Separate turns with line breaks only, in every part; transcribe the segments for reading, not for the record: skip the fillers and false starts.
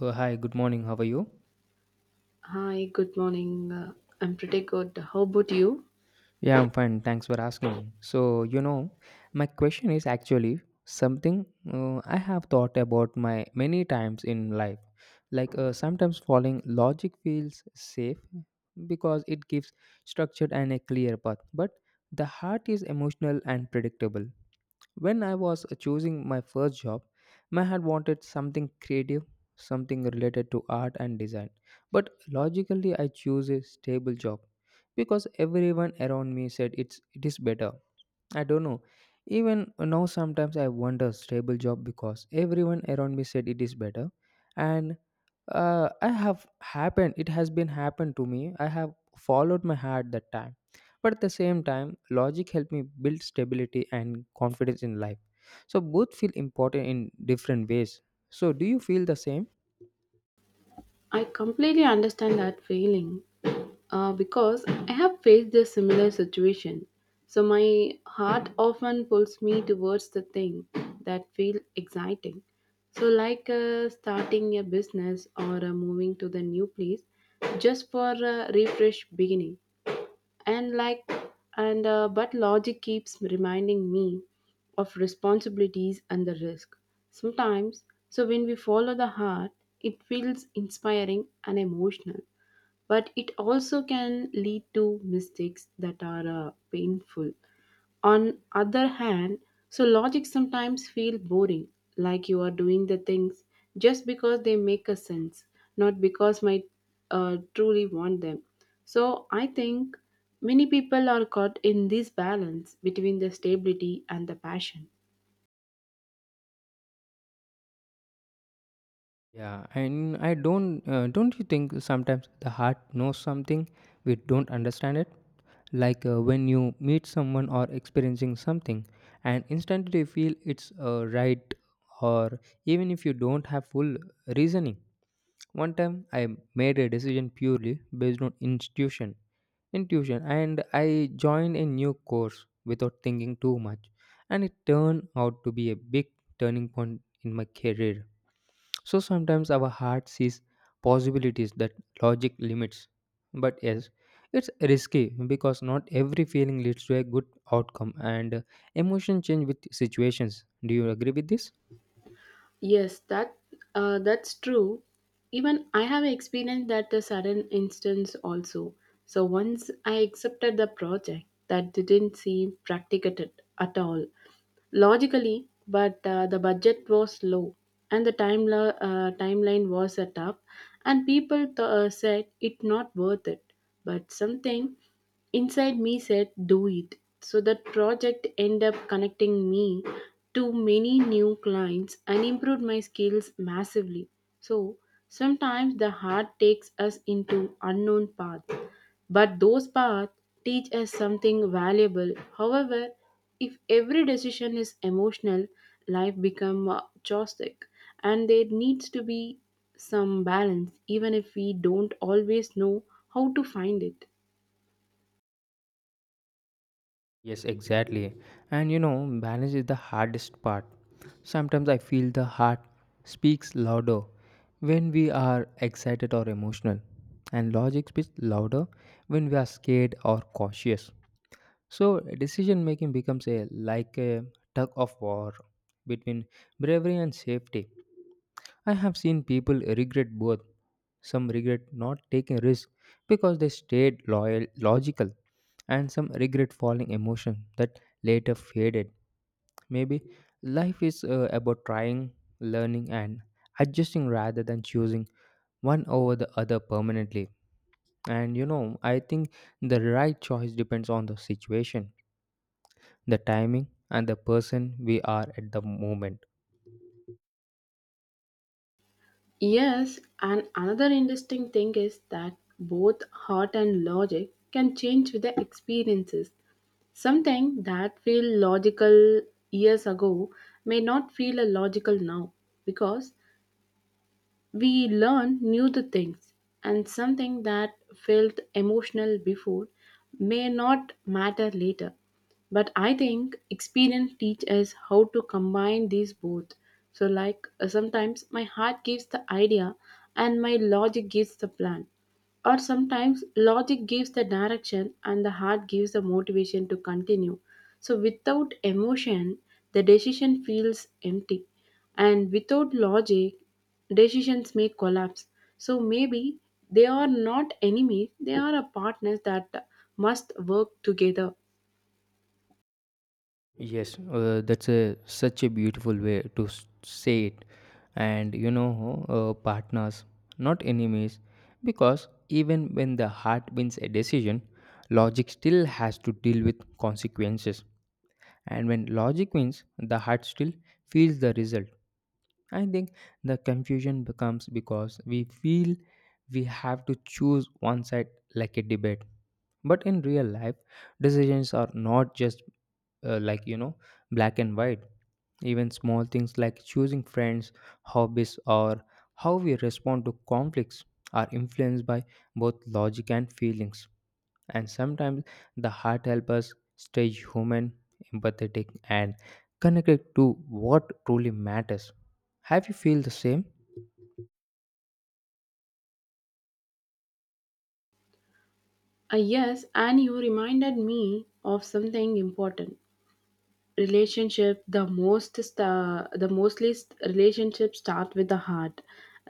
Hi, good morning. How are you?
Hi, good morning. I'm pretty good. How about you?
Yeah, I'm fine. Thanks for asking. So, you know, my question is actually something I have thought about my many times in life. Sometimes following logic feels safe because it gives structured and a clear path, but the heart is emotional and predictable. When I was choosing my first job, my head wanted something creative, something related to art and design. But logically, I chose a stable job because everyone around me said it is better. I don't know. Even now, sometimes I wonder stable job because everyone around me said it is better, and I have happened. It has been happened to me. I have followed my heart that time, but at the same time, logic helped me build stability and confidence in life. So both feel important in different ways. So, do you feel the same?
I completely understand that feeling because I have faced a similar situation. So my heart often pulls me towards the thing that feel exciting. So like starting a business or moving to the new place just for a refresh beginning. And like and but logic keeps reminding me of responsibilities and the risk sometimes. So when we follow the heart, it feels inspiring and emotional, but it also can lead to mistakes that are painful on other hand. So logic sometimes feel boring, like you are doing the things just because they make a sense, not because might truly want them. So I think many people are caught in this balance between the stability and the passion.
Yeah, and I don't you think sometimes the heart knows something we don't understand it? When you meet someone or experiencing something, and instantly feel it's right, or even if you don't have full reasoning. One time I made a decision purely based on intuition, and I joined a new course without thinking too much, and it turned out to be a big turning point in my career. So sometimes our heart sees possibilities that logic limits. But yes, it's risky because not every feeling leads to a good outcome and emotion change with situations. Do you agree with this?
Yes, that's true. Even I have experienced that a sudden instance also. So once I accepted the project that didn't seem practical at all logically, but the budget was low and the timeline was set up, and people said it not worth it. But something inside me said, "Do it." So that project ended up connecting me to many new clients and improved my skills massively. So sometimes the heart takes us into unknown paths, but those paths teach us something valuable. However, if every decision is emotional, life become chaotic, and there needs to be some balance even if we don't always know how to find it.
Yes, exactly. And you know, balance is the hardest part. Sometimes I feel the heart speaks louder when we are excited or emotional, and logic speaks louder when we are scared or cautious. So decision making becomes a like a tug of war between bravery and safety. I have seen people regret both. Some regret not taking risk because they stayed loyal logical and some regret falling emotion that later faded. Maybe life is about trying, learning and adjusting rather than choosing one over the other permanently. And you know, I think the right choice depends on the situation the timing, and the person we are at the moment.
Yes, and another interesting thing is that both heart and logic can change with the experiences. Something that feel logical years ago may not feel a logical now because we learn new the things, and something that felt emotional before may not matter later. But I think experience teaches us how to combine these both. So, like sometimes my heart gives the idea and my logic gives the plan, or sometimes logic gives the direction and the heart gives the motivation to continue. So without emotion, the decision feels empty, and without logic, decisions may collapse. So maybe they are not enemies, they are a partners that must work together.
Yes, that's a such a beautiful way to say it. And you know, partners, not enemies, because even when the heart wins a decision, logic still has to deal with consequences. And when logic wins, the heart still feels the result. I think the confusion becomes because we feel we have to choose one side like a debate. But in real life, decisions are not just uh, like, you know, black and white. Even small things like choosing friends, hobbies, or how we respond to conflicts are influenced by both logic and feelings and sometimes the heart helps us stay human empathetic and connected to what truly matters. Have you feel the same?
Ah, yes, and you reminded me of something important. Relationship, the most sta- the mostly st- relationships start with the heart,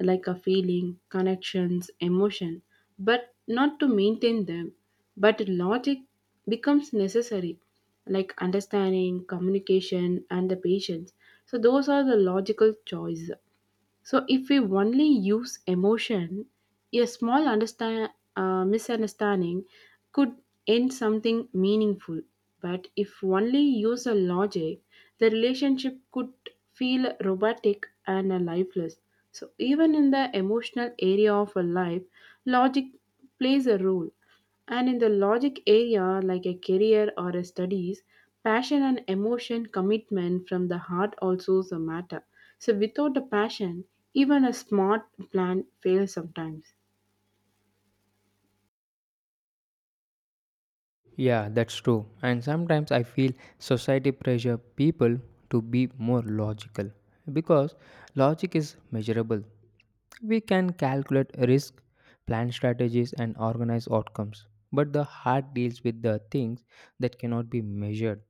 like a feeling, connections, emotion, but not to maintain them. But logic becomes necessary, like understanding, communication, and the patience. So those are the logical choice. So if we only use emotion, a small misunderstanding could end something meaningful. But if only use a logic, the relationship could feel robotic and lifeless. So even in the emotional area of a life, logic plays a role. And in the logic area, like a career or a studies, passion and emotion commitment from the heart also is a matter. So without the passion, even a smart plan fails sometimes.
Yeah, that's true and sometimes I feel society pressure people to be more logical because logic is measurable. We can calculate risk, plan strategies, and organize outcomes. But the heart deals with the things that cannot be measured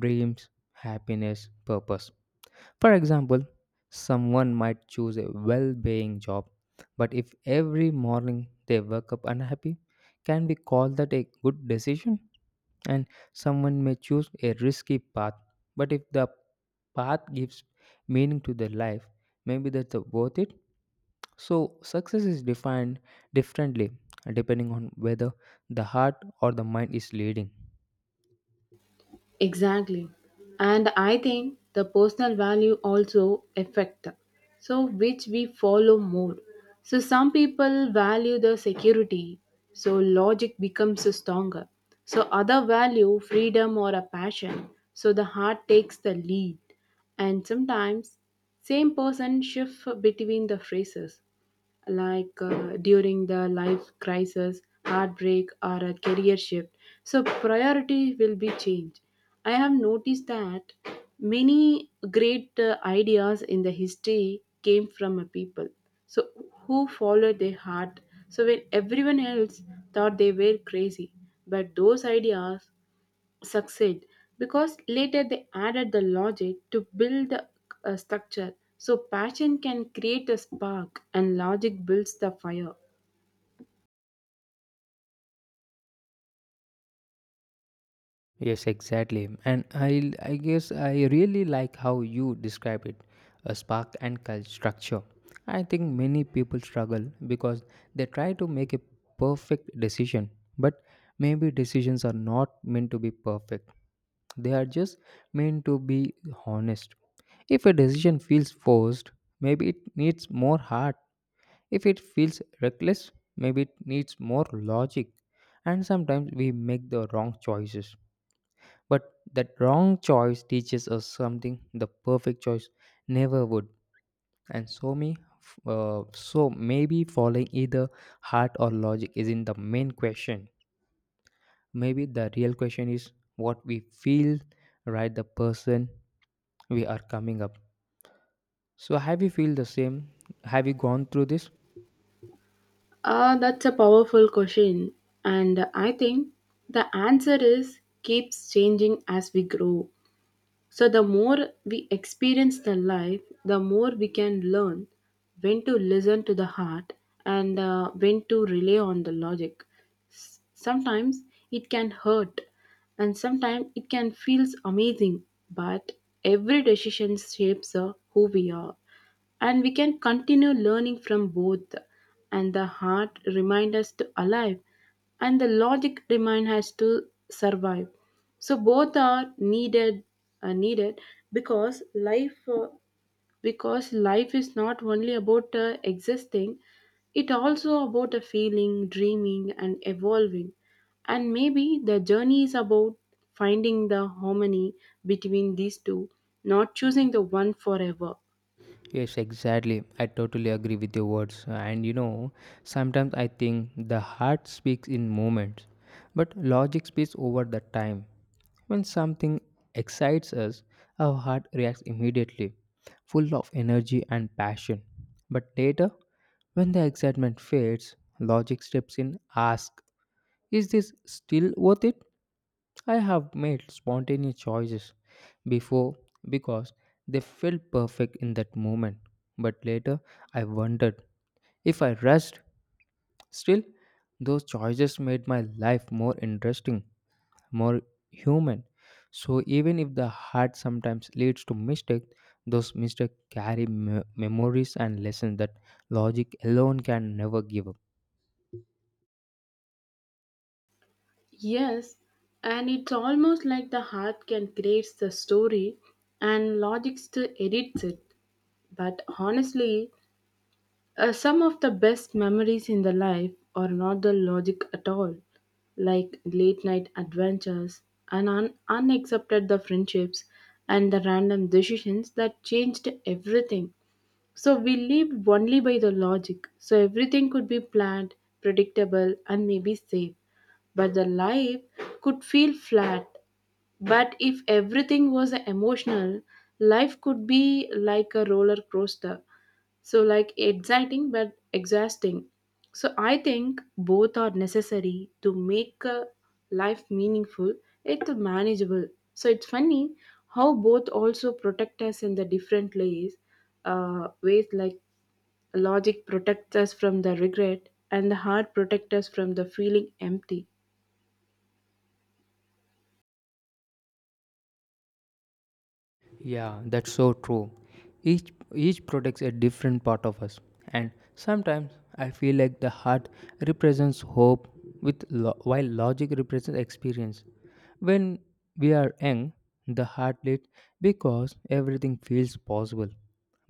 dreams, happiness, purpose. For example, someone might choose a well paying job, but if every morning they wake up unhappy, can we call that a good decision? And someone may choose a risky path, but if the path gives meaning to their life, maybe that's worth it. So, success is defined differently depending on whether the heart or the mind is leading.
Exactly. And I think the personal value also affect so which we follow more. So some people value the security, so logic becomes stronger. So other value freedom or a passion, so the heart takes the lead. And sometimes same person shift between the phrases, like during the life crisis, heartbreak, or a career shift. So, priority will be changed. I have noticed that many great ideas in the history came from a people. So, who followed their heart? So, when everyone else thought they were crazy, but those ideas succeed because later they added the logic to build the structure. So passion can create a spark, and logic builds the fire.
Yes, exactly. And I guess I really like how you describe it, a spark and cult structure. I think many people struggle because they try to make a perfect decision, but maybe decisions are not meant to be perfect. They are just meant to be honest. If a decision feels forced, maybe it needs more heart. If it feels reckless, maybe it needs more logic. And sometimes we make the wrong choices but that wrong choice teaches us something the perfect choice never would. And so me, so maybe following either heart or logic isn't the main question. Maybe the real question is what we feel, right? The person we are coming up. So have you feel the same? Have you gone through this?
Ah, that's a powerful question, and I think the answer is keeps changing as we grow. So, the more we experience the life, the more we can learn when to listen to the heart and when to rely on the logic. Sometimes it can hurt, and sometimes it can feels amazing, but every decision shapes who we are, and we can continue learning from both. And the heart remind us to alive, and the logic remind us to survive. So both are needed because life is not only about existing, it also about a feeling, dreaming, and evolving. And maybe the journey is about finding the harmony between these two, not choosing the one forever.
Yes, exactly. I totally agree with your words. And you know, sometimes I think the heart speaks in moments, but logic speaks over the time. When something excites us, our heart reacts immediately, full of energy and passion. But later, when the excitement fades, logic steps in, asks, is this still worth it? I have made spontaneous choices before because they felt perfect in that moment. But later, I wondered if I rushed. Still, those choices made my life more interesting, more human. So, even if the heart sometimes leads to mistakes, those mistakes carry memories and lessons that logic alone can never give up.
Yes, and it's almost like the heart can create the story and logic still edits it. But honestly, some of the best memories in the life are not the logic at all, like late night adventures, and unaccepted the friendships, and the random decisions that changed everything. So we lived only by the logic, so everything could be planned, predictable, and maybe safe, but the life could feel flat. But if everything was emotional, life could be like a roller coaster. So, like exciting but exhausting. So, I think both are necessary to make a life meaningful, it's manageable. So, it's funny how both also protect us in the different ways, like logic protects us from the regret, and the heart protects us from the feeling empty.
Yeah, that's so true. Each protects a different part of us, and sometimes I feel like the heart represents hope, with while logic represents experience. When we are young, the heart leads because everything feels possible.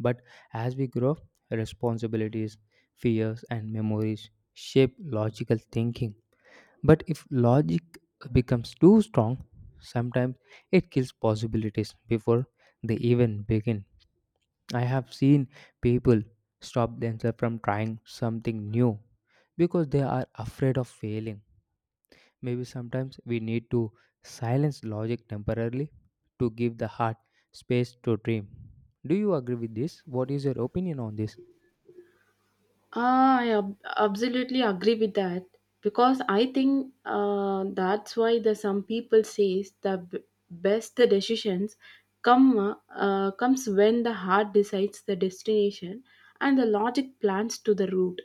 But as we grow, up, responsibilities, fears, and memories shape logical thinking. But if logic becomes too strong, sometimes it kills possibilities before they even begin. I have seen people stop themselves from trying something new because they are afraid of failing. Maybe sometimes we need to silence logic temporarily to give the heart space to dream. Do you agree with this? What is your opinion on this?
Ah, I absolutely agree with that because I think that's why the some people says the best decisions comes when the heart decides the destination and the logic plans to the route,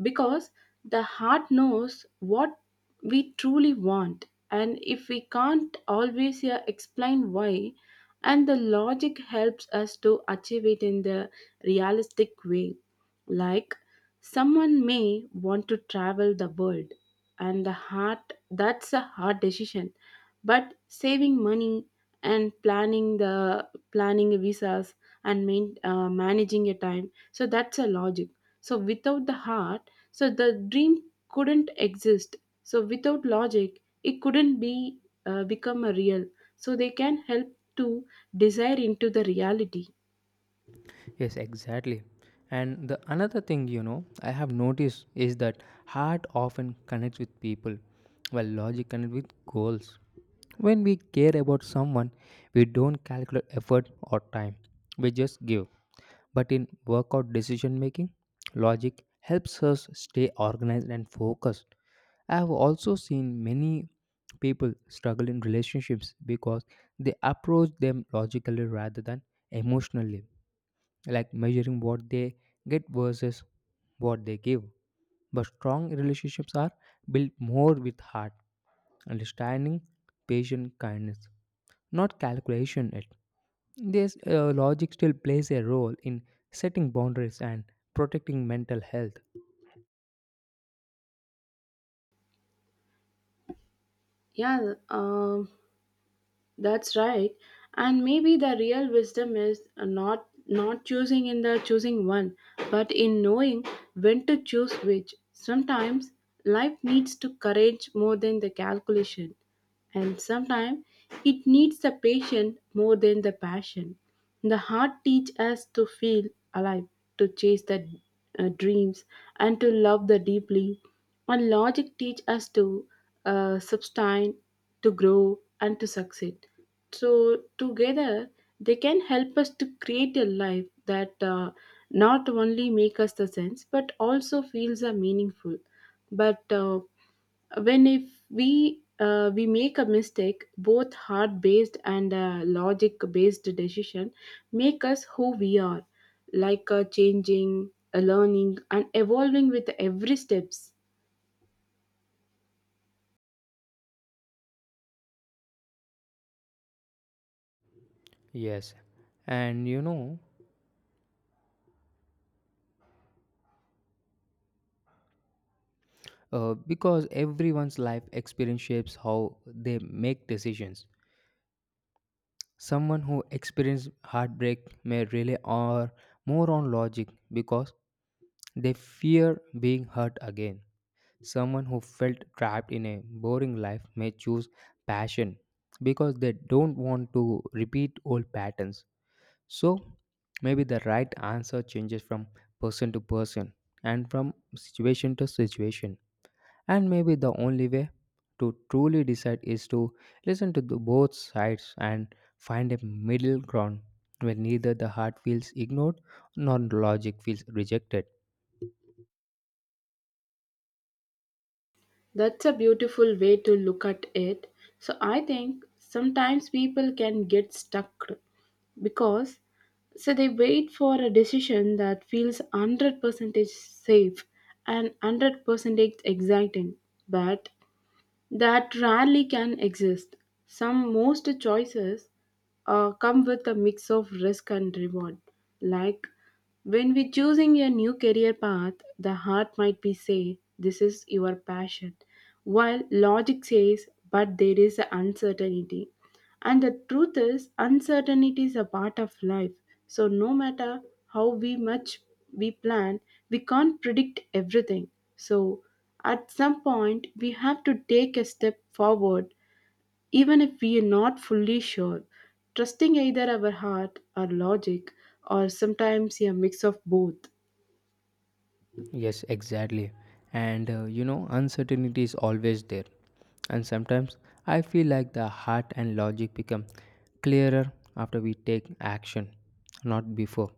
because the heart knows what we truly want, and if we can't always explain why. And the logic helps us to achieve it in the realistic way. Like someone may want to travel the world, and the heart that's a hard decision, but saving money, and planning visas, and managing your time, so that's a logic. So without the heart, so the dream couldn't exist. So without logic, it couldn't be become a real, so they can help to desire into the reality.
Yes, exactly. And the another thing you know I have noticed is that heart often connects with people, while logic connects with goals. When we care about someone, we don't calculate effort or time. We just give. But in workout decision making, logic helps us stay organized and focused. I have also seen many people struggle in relationships because they approach them logically rather than emotionally like measuring what they get versus what they give. But strong relationships are built more with heart, understanding, patient kindness, not calculation. It this logic still plays a role in setting boundaries and protecting mental health.
Yeah. That's right. And maybe the real wisdom is not choosing in the choosing one, but in knowing when to choose which. Sometimes life needs to courage more than the calculation, and sometimes it needs the patience more than the passion. The heart teaches us to feel alive, to chase the dreams, and to love the deeply. And logic teaches us to sustain, to grow, and to succeed. So together, they can help us to create a life that not only make us the sense, but also feels are meaningful. But when if we make a mistake, both heart based and logic based decision make us who we are, like changing, learning, and evolving with every steps.
Yes, and you know because everyone's life experience shapes how they make decisions. Someone who experiences heartbreak may rely on more on logic because they fear being hurt again. Someone who felt trapped in a boring life may choose passion because they don't want to repeat old patterns. So, maybe the right answer changes from person to person and from situation to situation. And maybe the only way to truly decide is to listen to the both sides and find a middle ground where neither the heart feels ignored nor logic feels rejected.
That's a beautiful way to look at it. So I think sometimes people can get stuck because so they wait for a decision that feels 100% safe and 100% exciting, but that rarely can exist. Some most choices come with a mix of risk and reward. Like when we're choosing a new career path, the heart might be say, "This is your passion," while logic says, "But there is uncertainty." And the truth is, uncertainty is a part of life. So, no matter how we much we plan, we can't predict everything. So, at some point, we have to take a step forward, even if we are not fully sure. Trusting either our heart or logic, or sometimes a mix of both.
Yes, exactly. And you know, uncertainty is always there. And sometimes I feel like the heart and logic become clearer after we take action, not before.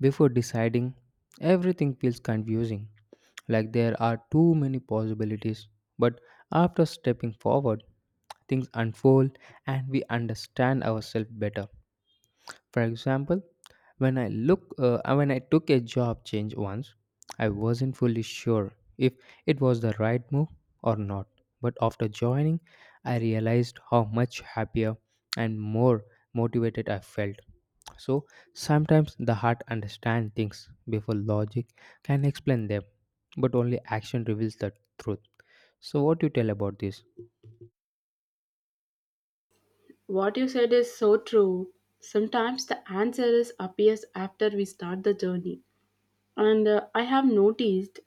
Before deciding, everything feels confusing, like there are too many possibilities. But after stepping forward, things unfold and we understand ourselves better. For example, when I took a job change once, I wasn't fully sure if it was the right move or not. But after joining, I realized how much happier and more motivated I felt. So sometimes the heart understands things before logic can explain them, but only action reveals the truth. So what do you tell about this?
What you said is so true. Sometimes the answer is appears after we start the journey. And I have noticed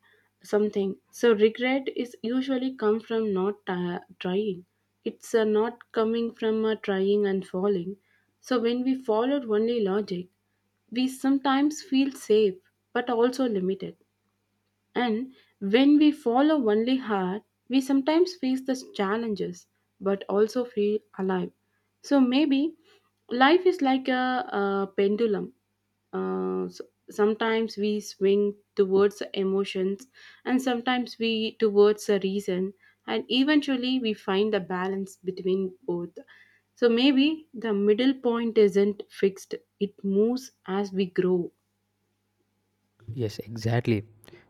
something, so regret is usually come from not trying. It's not coming from trying and falling. So when we followed only logic, we sometimes feel safe but also limited. And when we follow only heart, we sometimes face the challenges but also feel alive. So maybe life is like a pendulum. Uh, s- Sometimes we swing towards the emotions, and sometimes we towards the reason, and eventually we find the balance between both. So maybe the middle point isn't fixed, it moves as we grow.
Yes, exactly.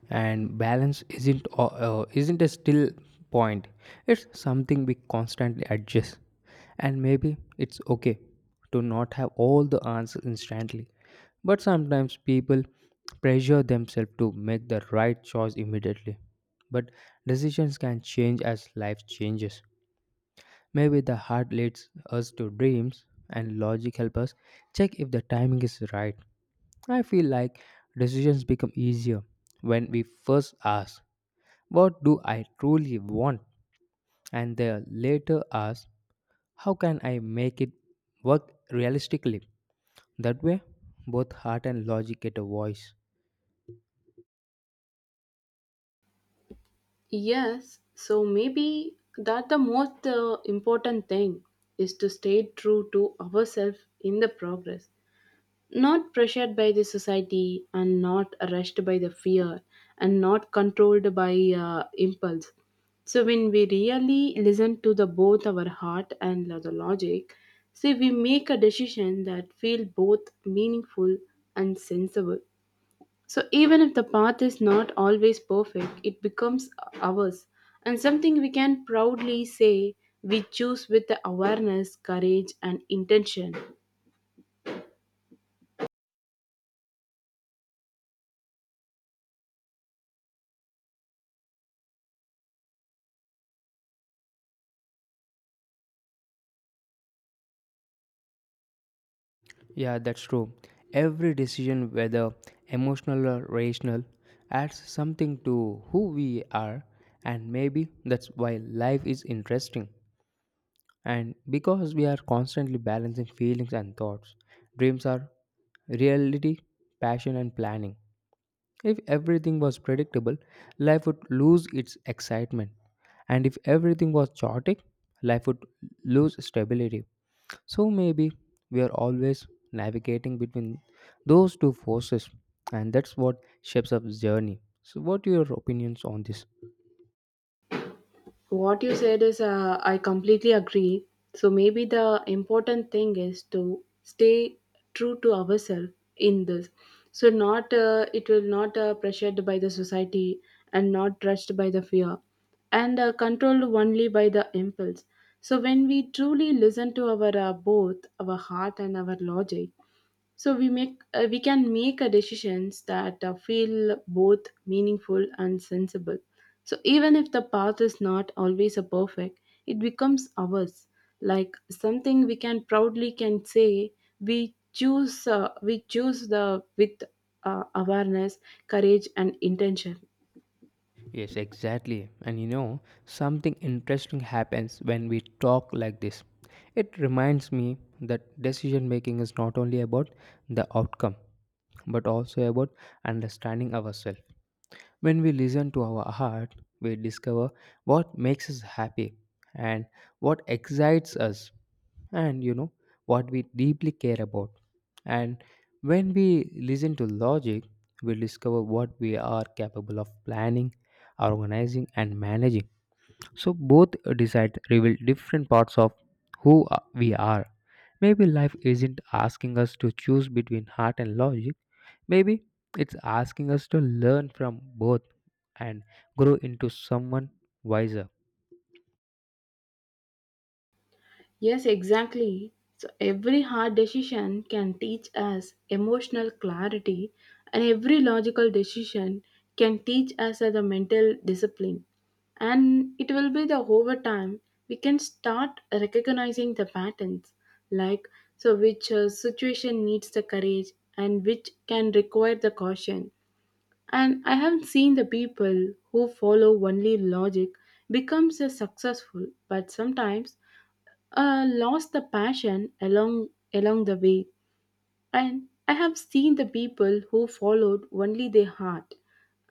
And balance isn't a still point. It's something we constantly adjust. And maybe it's okay to not have all the answers instantly. But sometimes people pressure themselves to make the right choice immediately. But decisions can change as life changes. Maybe the heart leads us to dreams and logic helps us check if the timing is right. I feel like decisions become easier when we first ask, what do I truly want? And then later ask, how can I make it work realistically? That way, both heart and logic get a voice.
Yes, so maybe that the most important thing is to stay true to ourselves in the progress, not pressured by the society, and not rushed by the fear, and not controlled by impulse. So when we really listen to the both our heart and the logic, say we make a decision that feel both meaningful and sensible. So even if the path is not always perfect, it becomes ours, and something we can proudly say we choose with the awareness, courage, and intention.
Yeah, that's true. Every decision, whether emotional or rational, adds something to who we are, and maybe that's why life is interesting. And because we are constantly balancing feelings and thoughts, dreams are reality, passion, and planning. If everything was predictable, life would lose its excitement. And if everything was chaotic, life would lose stability. So maybe we are always navigating between those two forces, and that's what shapes up journey. So, what are your opinions on this?
What you said is I completely agree. So maybe the important thing is to stay true to ourselves in this. So not it will not pressured by the society, and not rushed by the fear, and controlled only by the impulse. So when we truly listen to our both our heart and our logic, so we can make a decisions that feel both meaningful and sensible. So even if the path is not always a perfect, it becomes ours, like something we can proudly can say we choose the with awareness, courage, and intention.
Yes, exactly. And you know, something interesting happens when we talk like this. It reminds me that decision making is not only about the outcome, but also about understanding ourselves. When we listen to our heart, we discover what makes us happy and what excites us and you know what we deeply care about. And when we listen to logic, we discover what we are capable of planning, organizing, and managing. So both decides reveal different parts of who we are. Maybe life isn't asking us to choose between heart and logic. Maybe it's asking us to learn from both and grow into someone wiser.
Yes, exactly. So every hard decision can teach us emotional clarity, and every logical decision can teach us the mental discipline. And it will be the over time, we can start recognizing the patterns, like so which situation needs the courage, and which can require the caution. And I have seen the people who follow only logic becomes a successful, but sometimes lost the passion along the way. And I have seen the people who followed only their heart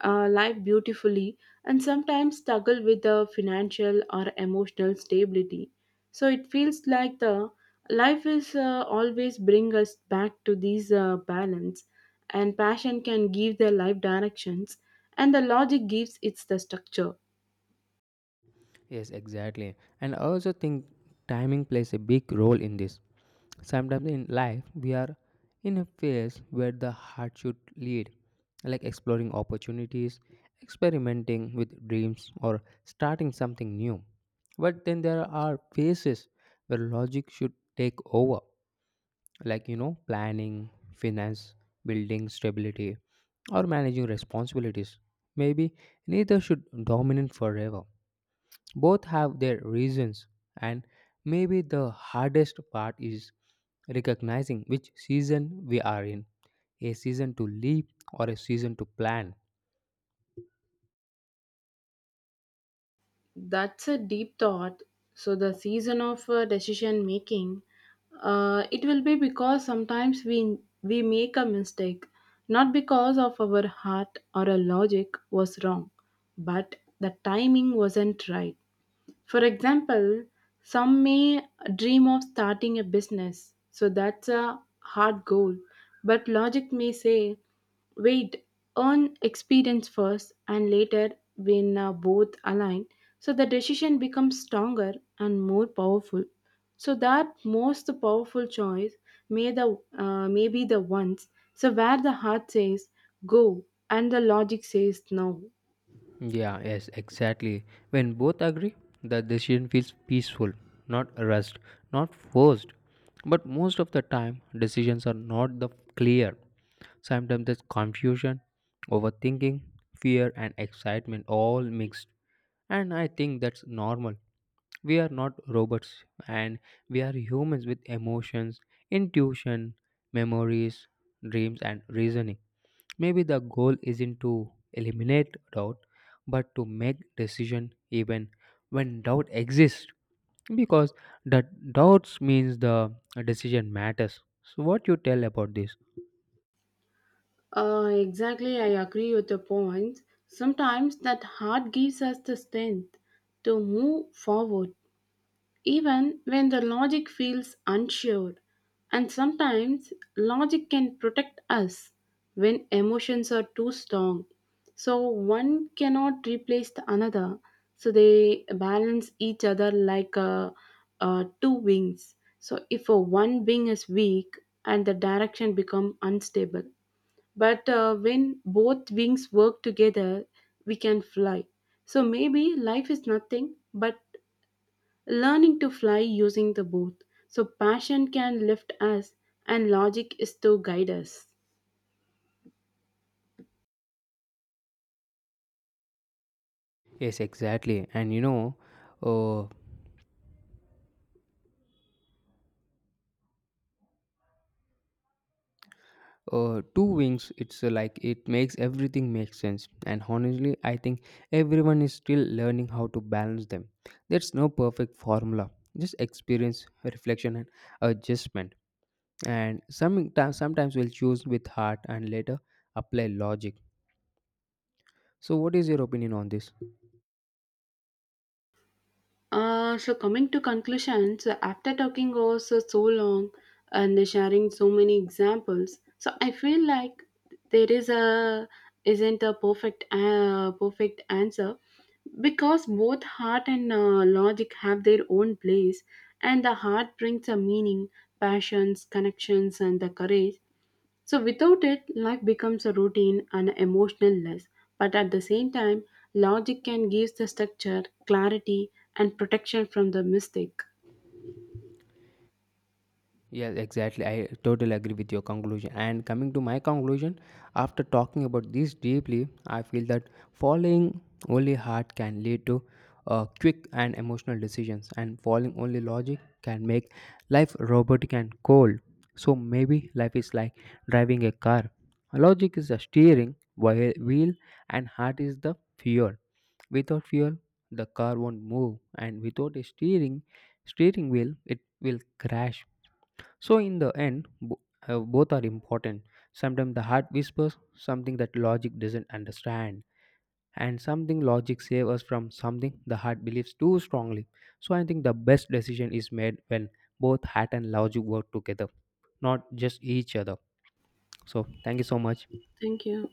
live beautifully, and sometimes struggle with the financial or emotional stability. So it feels like the life is always bring us back to these balance, and passion can give their life directions, and the logic gives its the structure.
Yes, exactly. And I also think timing plays a big role in this. Sometimes in life, we are in a phase where the heart should lead, like exploring opportunities, experimenting with dreams, or starting something new. But then there are phases where logic should take over, like you know, planning, finance, building stability, or managing responsibilities. Maybe neither should dominate forever. Both have their reasons, and maybe the hardest part is recognizing which season we are in a season to live or a season to plan.
That's a deep thought. So the season of decision making, it will be because sometimes we make a mistake, not because of our heart or our logic was wrong, but the timing wasn't right. For example, some may dream of starting a business, so that's a hard goal. But logic may say, wait, earn experience first, and later, when both align, so the decision becomes stronger and more powerful. So that most powerful choice may be the ones. So where the heart says go, and the logic says no.
Yeah, yes, exactly. When both agree, the decision feels peaceful, not rushed, not forced. But most of the time, decisions are not the clear. Sometimes there's confusion, overthinking, fear, and excitement all mixed. And I think that's normal. We are not robots, and we are humans with emotions, intuition, memories, dreams, and reasoning. Maybe the goal isn't to eliminate doubt, but to make decision even when doubt exists, because the doubts means the decision matters. So, what you tell about this?
Exactly, I agree with your point. Sometimes that heart gives us the strength to move forward, even when the logic feels unsure. And sometimes logic can protect us when emotions are too strong. So one cannot replace the another. So they balance each other like two wings. So if a one wing is weak and the direction become unstable, but when both wings work together, we can fly. So maybe life is nothing but learning to fly using the both. So passion can lift us, and logic is to guide us.
Yes, exactly. And you know, uh, two wings. It's like it makes everything make sense. And honestly, I think everyone is still learning how to balance them. There's no perfect formula. Just experience, reflection, and adjustment and sometimes we'll choose with heart and later apply logic. So what is your opinion on this?
So coming to conclusions, after talking also so long and sharing so many examples, so I feel like there is a isn't a perfect answer because both heart and logic have their own place, and the heart brings a meaning, passions, connections, and the courage, so without it, life becomes a routine and emotionless. But at the same time, logic can give the structure, clarity, and protection from the mistake.
Yeah, exactly, I totally agree with your conclusion and coming to my conclusion after talking about this deeply I feel that following only heart can lead to quick and emotional decisions and following only logic can make life robotic and cold. So maybe life is like driving a car, logic is the steering wheel and heart is the fuel. Without fuel, the car won't move, and without a steering wheel, it will crash. So in the end, both are important. Sometimes the heart whispers something that logic doesn't understand, and something logic saves us from something the heart believes too strongly. So I think the best decision is made when both heart and logic work together, not just each other. So thank you so much.
Thank you.